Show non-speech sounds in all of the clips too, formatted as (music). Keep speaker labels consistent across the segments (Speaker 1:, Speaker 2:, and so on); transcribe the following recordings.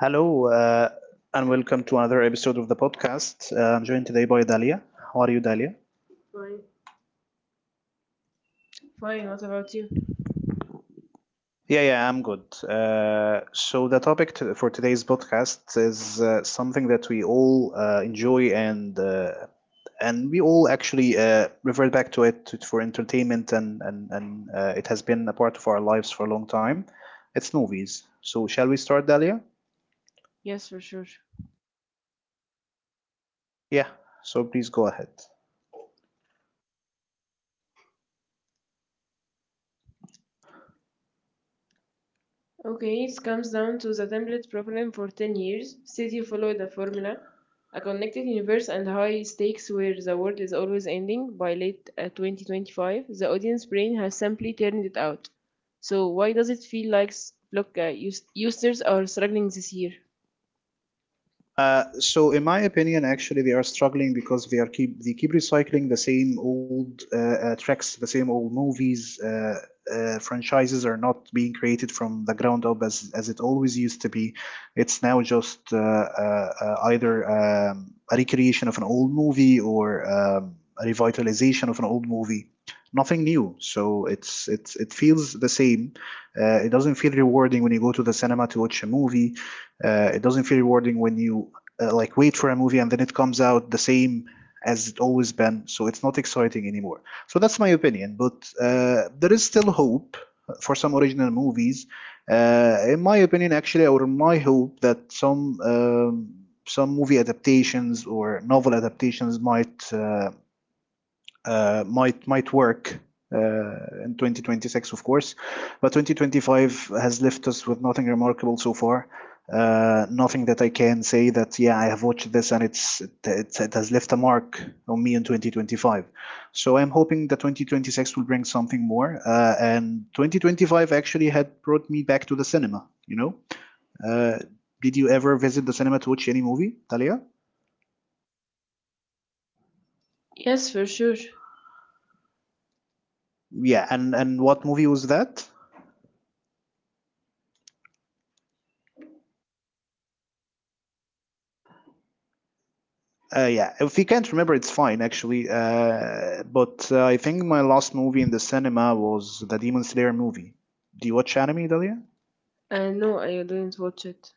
Speaker 1: Hello. And welcome to another episode of the podcast. I'm joined today by Dalia. How are you, Dalia?
Speaker 2: Fine, what about you?
Speaker 1: Yeah, yeah, I'm good. So the for today's podcast is something that we all enjoy and we all actually revert back to it for entertainment and it has been a part of our lives for a long time. It's movies. So shall we start, Dalia?
Speaker 2: Yes, for sure.
Speaker 1: Yeah. So please go ahead.
Speaker 2: Okay, it comes down to the template problem for 10 years. City followed a formula, a connected universe and high stakes where the world is always ending. By late 2025, the audience brain has simply turned it out. So why does it feel like are struggling this year?
Speaker 1: So in my opinion, actually, they are struggling because they keep recycling the same old tracks, the same old movies. Franchises are not being created from the ground up as it always used to be. It's now just either a recreation of an old movie or a revitalization of an old movie. Nothing new. So it feels the same. It doesn't feel rewarding when you go to the cinema to watch a movie. It doesn't feel rewarding when you like wait for a movie and then it comes out the same as it always been. So it's not exciting anymore. So that's my opinion. But there is still hope for some original movies. In my opinion, actually, or my hope that some some movie adaptations or novel adaptations might work in 2026, of course. But 2025 has left us with nothing remarkable so far. Nothing that I can say that yeah I have watched this and it has left a mark on me in 2025. So I'm hoping that 2026 will bring something more. And 2025 actually had brought me back to the cinema. You know, uh, did you ever visit the cinema to watch any movie, Talia?
Speaker 2: Yes, for sure.
Speaker 1: Yeah, and what movie was that? Yeah, if you can't remember, it's fine actually. But I think my last movie in the cinema was the Demon Slayer movie. Do you watch anime, Dalia?
Speaker 2: No, I didn't watch it.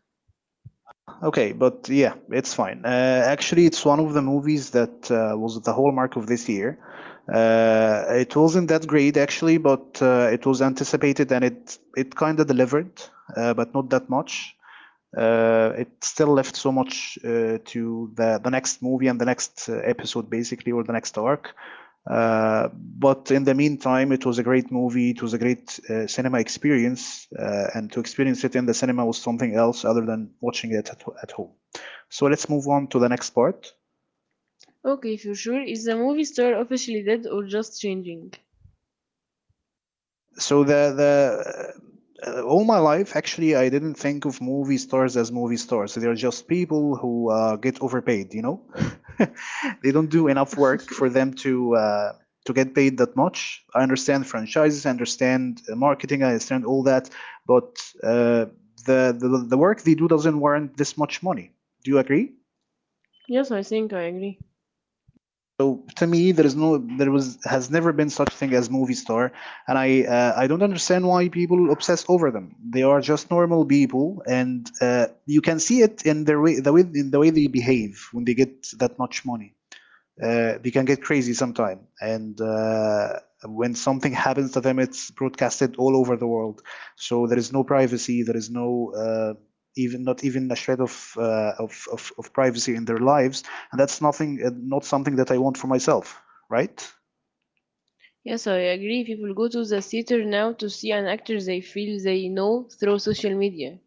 Speaker 1: Okay, but yeah, it's fine. Actually, it's one of the movies that was the hallmark of this year. It wasn't that great actually, but it was anticipated and it kind of delivered, but not that much. It still left so much to the next movie and the next episode, basically, or the next arc. But in the meantime, it was a great movie. It was a great cinema experience, and to experience it in the cinema was something else other than watching it at home. So let's move on to the next part.
Speaker 2: Okay, for sure. Is the movie star officially dead or just changing?
Speaker 1: So the all my life actually I didn't think of movie stars as movie stars. So they're just people who get overpaid, you know. (laughs) They don't do enough work for them to get paid that much. I understand franchises, I understand marketing, I understand all that, but uh, the work they do doesn't warrant this much money. Do you agree?
Speaker 2: Yes, I think I agree.
Speaker 1: So to me, there is no, there was has never been such thing as movie star, and I don't understand why people obsess over them. They are just normal people, and you can see it in the way they behave when they get that much money. They can get crazy sometime. And When something (laughs) happens to them, it's broadcasted all over the world. So there is no privacy. There is no even not even a shred of privacy in their lives, and that's nothing. Not something that I want for myself, right?
Speaker 2: Yes, I agree. People go to the theater now to see an actor they feel they know through social media.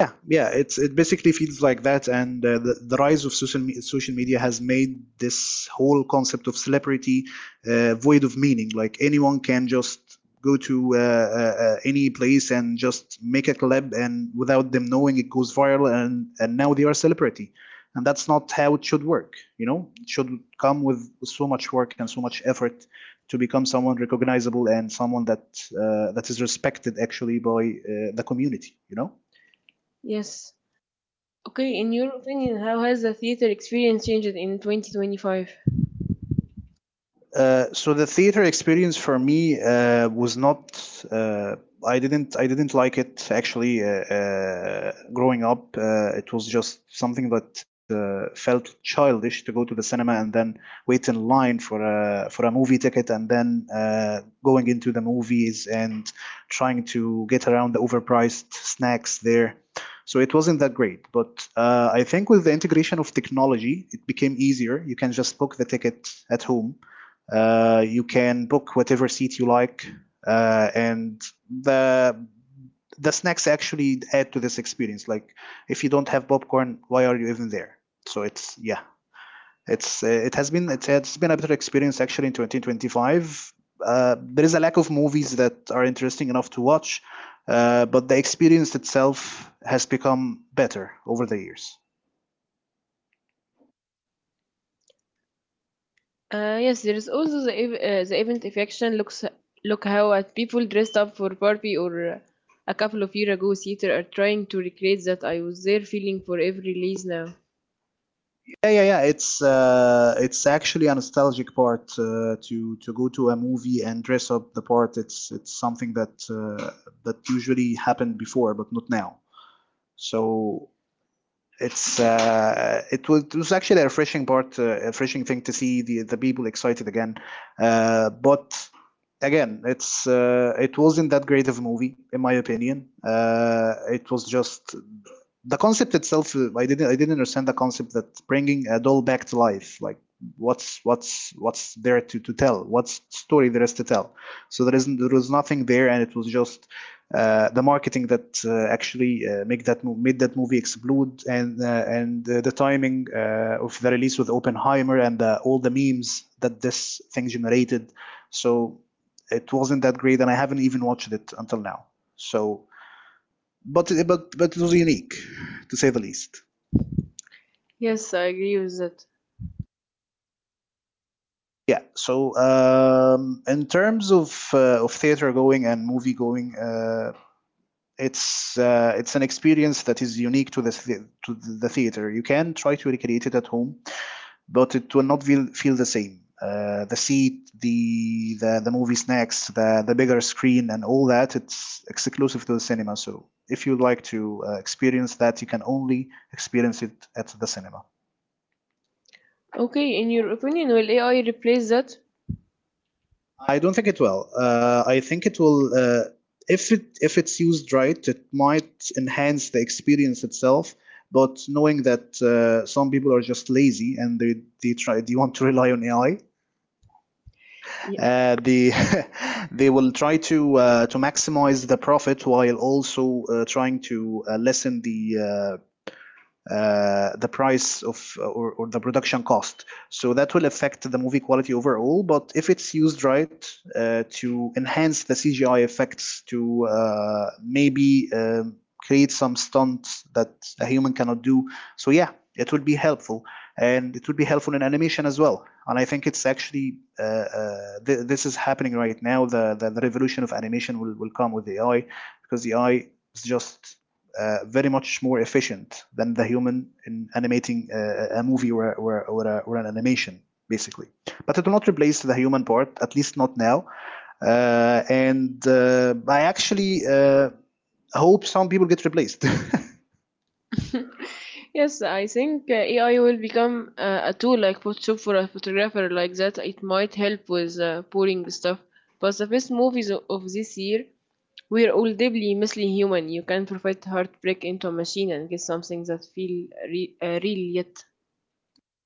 Speaker 1: Yeah, yeah, it's it basically feels like that, and the rise of social media has made this whole concept of celebrity void of meaning. Like anyone can just go to any place and just make a collab, and without them knowing, it goes viral, and now they are celebrity, and that's not how it should work. You know, it should come with so much work and so much effort to become someone recognizable and someone that that is respected actually by the community, you know.
Speaker 2: Yes. Okay, in your opinion, how has the theater experience changed in 2025?
Speaker 1: So the theater experience for me was not. Uh, I didn't like it actually. Growing up, it was just something that felt childish to go to the cinema and then wait in line for a movie ticket and then going into the movies and trying to get around the overpriced snacks there. So it wasn't that great. But I think with the integration of technology, it became easier. You can just book the ticket at home. You can book whatever seat you like, and the the snacks actually add to this experience. Like, if you don't have popcorn, why are you even there? So it's yeah, it's it has been it's been a better experience actually in 2025. There is a lack of movies that are interesting enough to watch, but the experience itself has become better over the years.
Speaker 2: Yes, there is also the event affection. Look how at people dressed up for Barbie or a couple of years ago theater are trying to recreate that I was there feeling for every release now.
Speaker 1: Yeah, yeah, yeah. It's actually a nostalgic part to go to a movie and dress up the part. It's something that that usually happened before, but not now. So it was actually a refreshing part, a refreshing thing to see the people excited again. But again, it wasn't that great of a movie in my opinion. It was just the concept itself. I didn't understand the concept that bringing a doll back to life. Like what's there to tell? What's story there is to tell? So there was nothing there, and it was just the marketing that actually make that made that movie explode, and the timing of the release with Oppenheimer and all the memes that this thing generated. So it wasn't that great, and I haven't even watched it until now. So, but it was unique, to say the least.
Speaker 2: Yes, I agree with that.
Speaker 1: Yeah. So in terms of theater going and movie going, it's an experience that is unique to to the theater. You can try to recreate it at home, but it will not feel the same. Uh, the movie snacks, the bigger screen, and all that, it's exclusive to the cinema. So if you'd like to experience that, you can only experience it at the cinema.
Speaker 2: Okay, in your opinion, will AI replace that?
Speaker 1: I don't think it will. If it if it's used right, it might enhance the experience itself. But knowing that some people are just lazy and they want to rely on AI, they (laughs) they will try to maximize the profit while also trying to lessen uh, the price of or the production cost. So that will affect the movie quality overall. But if it's used right to enhance the CGI effects, to maybe create some stunts that a human cannot do, so yeah, it would be helpful, and it would be helpful in animation as well. And I think it's actually this is happening right now. The the revolution of animation will come with AI because AI is just very much more efficient than the human in animating a movie or an animation, basically. But it will not replace the human part, at least not now. And I actually hope some people get replaced. (laughs)
Speaker 2: (laughs) Yes, I think AI will become a tool like Photoshop for a photographer like that. It might help with pouring stuff. But the best movies of this year were all deeply mostly human. You can provide heartbreak into a machine and get something that feel re- real yet.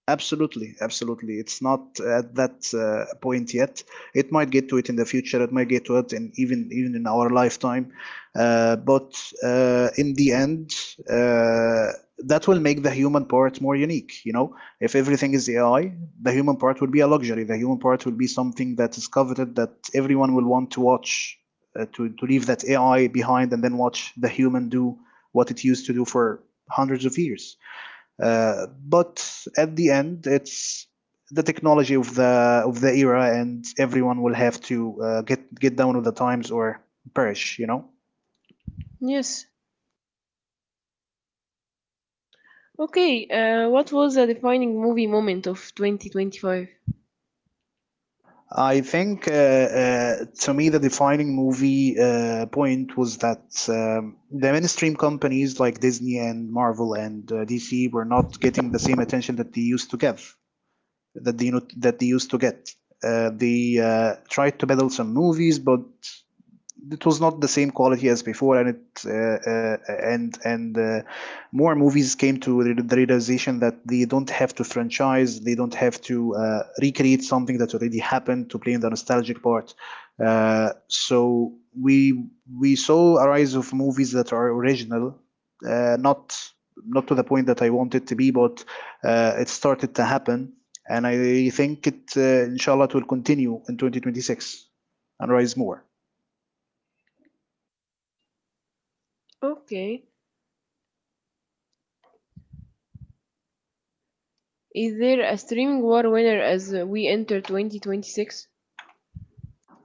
Speaker 1: Absolutely, absolutely. It's not at that point yet. It might get to it in the future. It might get to it, and even in our lifetime. But in the end, uh, that will make the human part more unique. You know, if everything is AI, the human part will be a luxury. The human part will be something that is coveted, that everyone will want to watch, to leave that AI behind and then watch the human do what it used to do for hundreds of years. But at the end, it's the technology of the era, and everyone will have to get down with the times or perish, you know.
Speaker 2: Yes. Okay, what was the defining movie moment of 2025?
Speaker 1: I think to me the defining movie point was that the mainstream companies like Disney and Marvel and DC were not getting the same attention that they used to give that they that they used to get. They tried to peddle some movies, but it was not the same quality as before, and it and more movies came to the realization that they don't have to franchise, they don't have to recreate something that already happened to play in the nostalgic part. So we we saw a rise of movies that are original, uh, not not to the point that I want it to be, but it started to happen, and I think it inshallah it will continue in 2026 and raise more.
Speaker 2: Okay. Is there a streaming war winner as we enter 2026?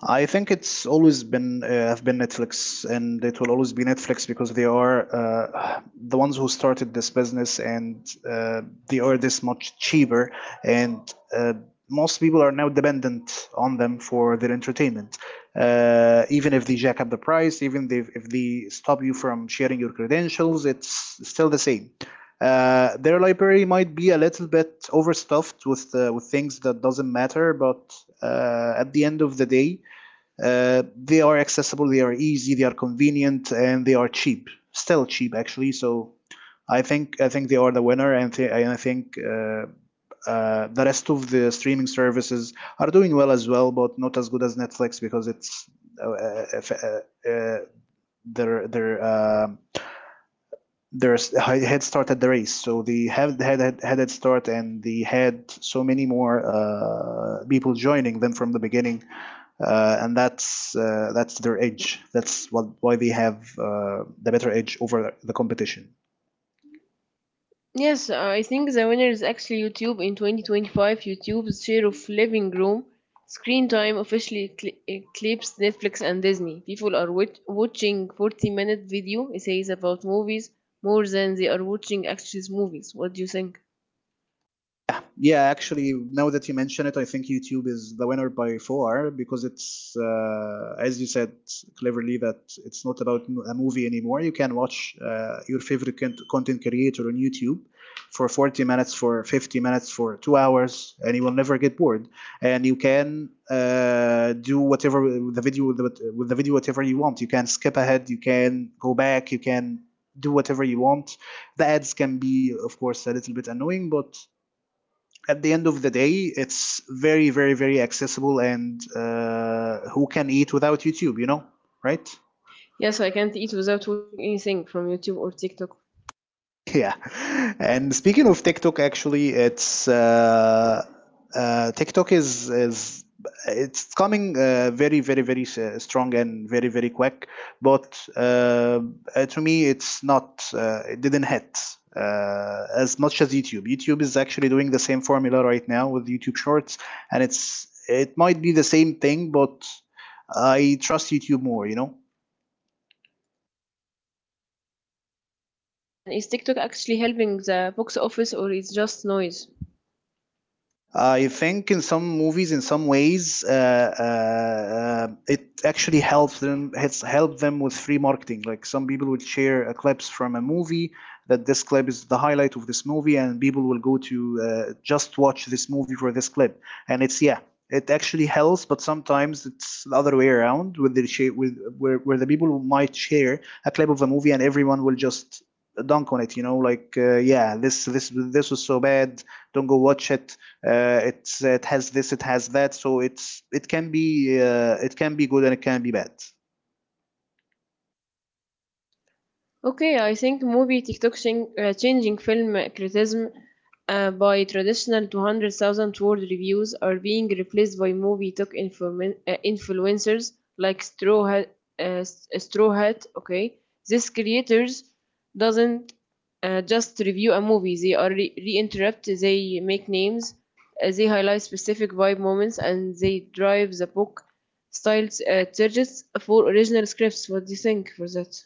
Speaker 1: I think it's always been Netflix, and it will always be Netflix because they are the ones who started this business, and they are this much cheaper, and uh, most people are now dependent on them for their entertainment. Even if they jack up the price, if they stop you from sharing your credentials, it's still the same. Their library might be a little bit overstuffed with things that doesn't matter, but at the end of the day, they are accessible, they are easy, they are convenient, and they are cheap. Still cheap, actually. So I think they are the winner, and I think the rest of the streaming services are doing well as well, but not as good as Netflix because it's uh, uh, uh, uh, their there's had started the race, so they have had had had head start, and they had so many more people joining them from the beginning, and that's their edge. Why they have the better edge over the competition.
Speaker 2: Yes, I think the winner is actually YouTube in 2025. YouTube's share of living room screen time officially eclipsed Netflix and Disney. People are watching 40-minute video essays about movies more than they are watching actual movies. What do you think?
Speaker 1: Yeah, actually, now that you mention it, I think YouTube is the winner by far because as you said cleverly, that it's not about a movie anymore. You can watch your favorite content creator on YouTube for 40 minutes, for 50 minutes, for 2 hours, and you will never get bored. And you can do whatever with the video whatever you want. You can skip ahead, you can go back, you can do whatever you want. The ads can be, of course, a little bit annoying, but at the end of the day, it's very, very, very accessible and who can eat without YouTube, right?
Speaker 2: Yes, I can't eat without watching anything from YouTube or TikTok.
Speaker 1: (laughs) Yeah. And speaking of TikTok, actually, it's TikTok is it's coming very very strong and very very quick. But uh, to me, it's not. It didn't hit as much as YouTube. YouTube is actually doing the same formula right now with YouTube Shorts, and it might be the same thing, but I trust YouTube more. You know.
Speaker 2: Yes, let me ask a question. Is TikTok actually helping the box office or is just noise?
Speaker 1: I think in some movies, in some ways, it actually helps them. It's helped them with free marketing. Like some people will share clips from a movie that this clip is the highlight of this movie, and people will go to just watch this movie for this clip. And it's yeah, it actually helps, but sometimes it's the other way around, with where the people might share a clip of a movie, and everyone will just dunk on it. You know, like yeah, this was so bad. Don't go watch it. It has this, it has that, so it can be it can be good and it can be bad.
Speaker 2: Okay, I think movie TikTok changing film criticism by traditional 200,000 word reviews are being replaced by movie TikTok influencers like Straw Hat, Straw Hat. Okay, these creators doesn't just review a movie; they are re-interrupt. They make names, they highlight specific vibe moments, and they drive the book style targets for original scripts. What do you think for that?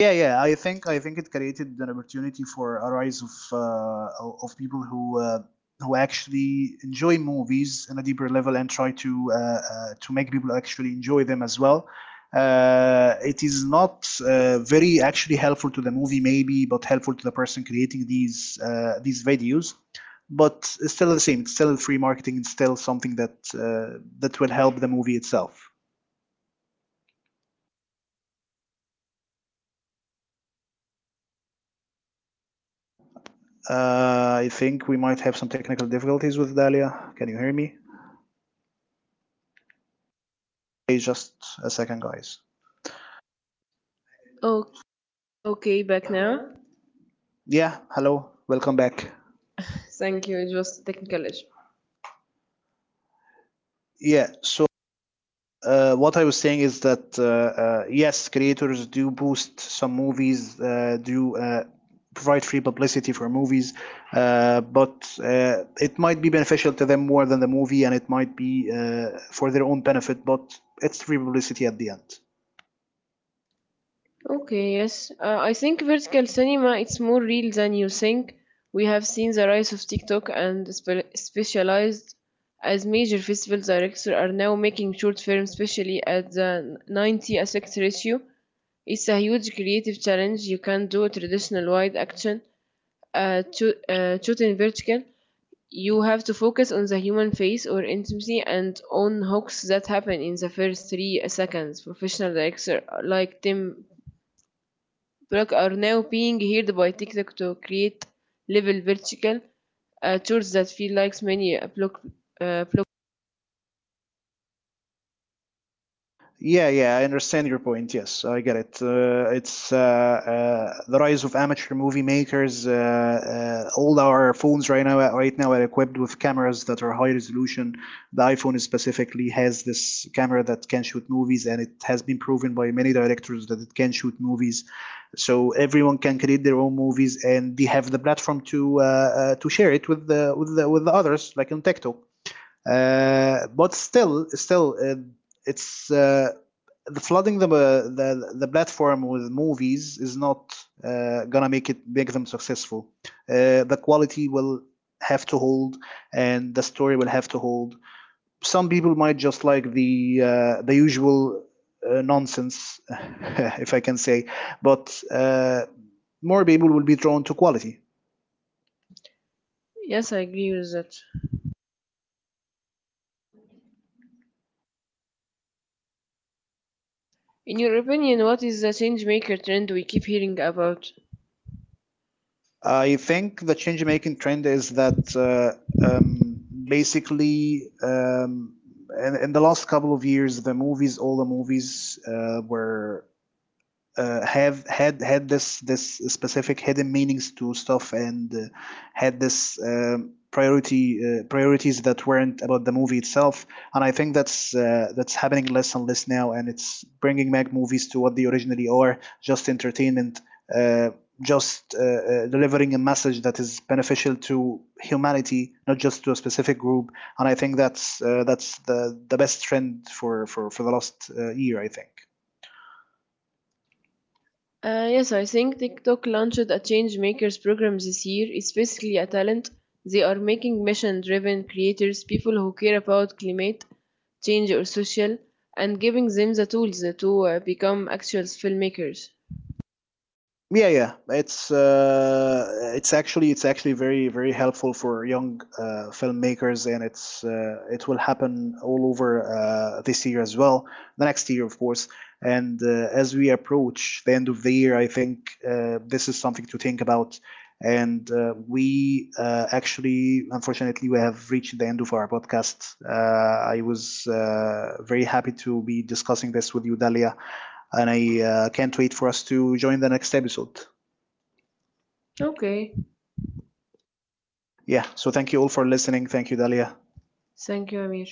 Speaker 1: Yeah, yeah. I think it created an opportunity for a rise of people who actually enjoy movies on a deeper level and try to make people actually enjoy them as well. It is not very actually helpful to the movie, maybe, but helpful to the person creating these videos. But it's still the same. It's still free marketing. It's still something that that will help the movie itself. I think we might have some technical difficulties with Dahlia. Can you hear me? Hey, just a second, guys.
Speaker 2: Okay, back now.
Speaker 1: Yeah, hello, welcome back.
Speaker 2: Thank you. It was a technical issue.
Speaker 1: Yeah, so what I was saying is that yes, creators do boost some movies, do provide free publicity for movies, but it might be beneficial to them more than the movie, and it might be for their own benefit, but it's free publicity at the end.
Speaker 2: Okay, yes. I think vertical cinema it's more real than you think. We have seen the rise of TikTok and specialized as major festival directors are now making short films, especially at the 90 aspect ratio. It's a huge creative challenge. You can't do traditional wide action shot in vertical. You have to focus on the human face or intimacy and on hooks that happen in the first 3 seconds. Professional directors like Tim Block are now being hired by TikTok to create level vertical tours that feel like many block.
Speaker 1: Yeah, yeah, I understand your point. Yes, I get it. It's The rise of amateur movie makers. All our phones right now, are equipped with cameras that are high resolution. The iPhone specifically has this camera that can shoot movies, and it has been proven by many directors that it can shoot movies. So everyone can create their own movies, and they have the platform to share it with with the others, like on TikTok. But still, still, it's the flooding the platform with movies is not gonna make them successful. The quality will have to hold, and the story will have to hold. Some people might just like the usual nonsense, (laughs) if I can say, but more people will be drawn to quality.
Speaker 2: Yes, I agree with that. In your opinion, what is the change maker trend we keep hearing about?
Speaker 1: I think the change making trend is that um, basically in the last couple of years, the movies, all the movies were have had had this specific hidden meanings to stuff and had this priority priorities that weren't about the movie itself. And I think that's happening less and less now, and it's bringing back movies to what they originally are, just entertainment. Uh, just uh, uh, delivering a message that is beneficial to humanity, not just to a specific group. And I think that's the best trend for the last year, I think.
Speaker 2: Yes, I think TikTok launched a Change Makers program this year. It's basically a talent. They are making mission driven creators, people who care about climate change or social, and giving them the tools to become actual filmmakers.
Speaker 1: Yeah, yeah, it's actually very very helpful for young filmmakers, and it's it will happen all over this year as well, the next year of course. And as we approach the end of the year, I think this is something to think about. And uh, we uh, actually, unfortunately, we have reached the end of our podcast. I was very happy to be discussing this with you, Dalia, and I can't wait for us to join the next episode.
Speaker 2: Okay,
Speaker 1: Yeah, so thank you all for listening. Thank you, Dalia.
Speaker 2: thank you, Amir.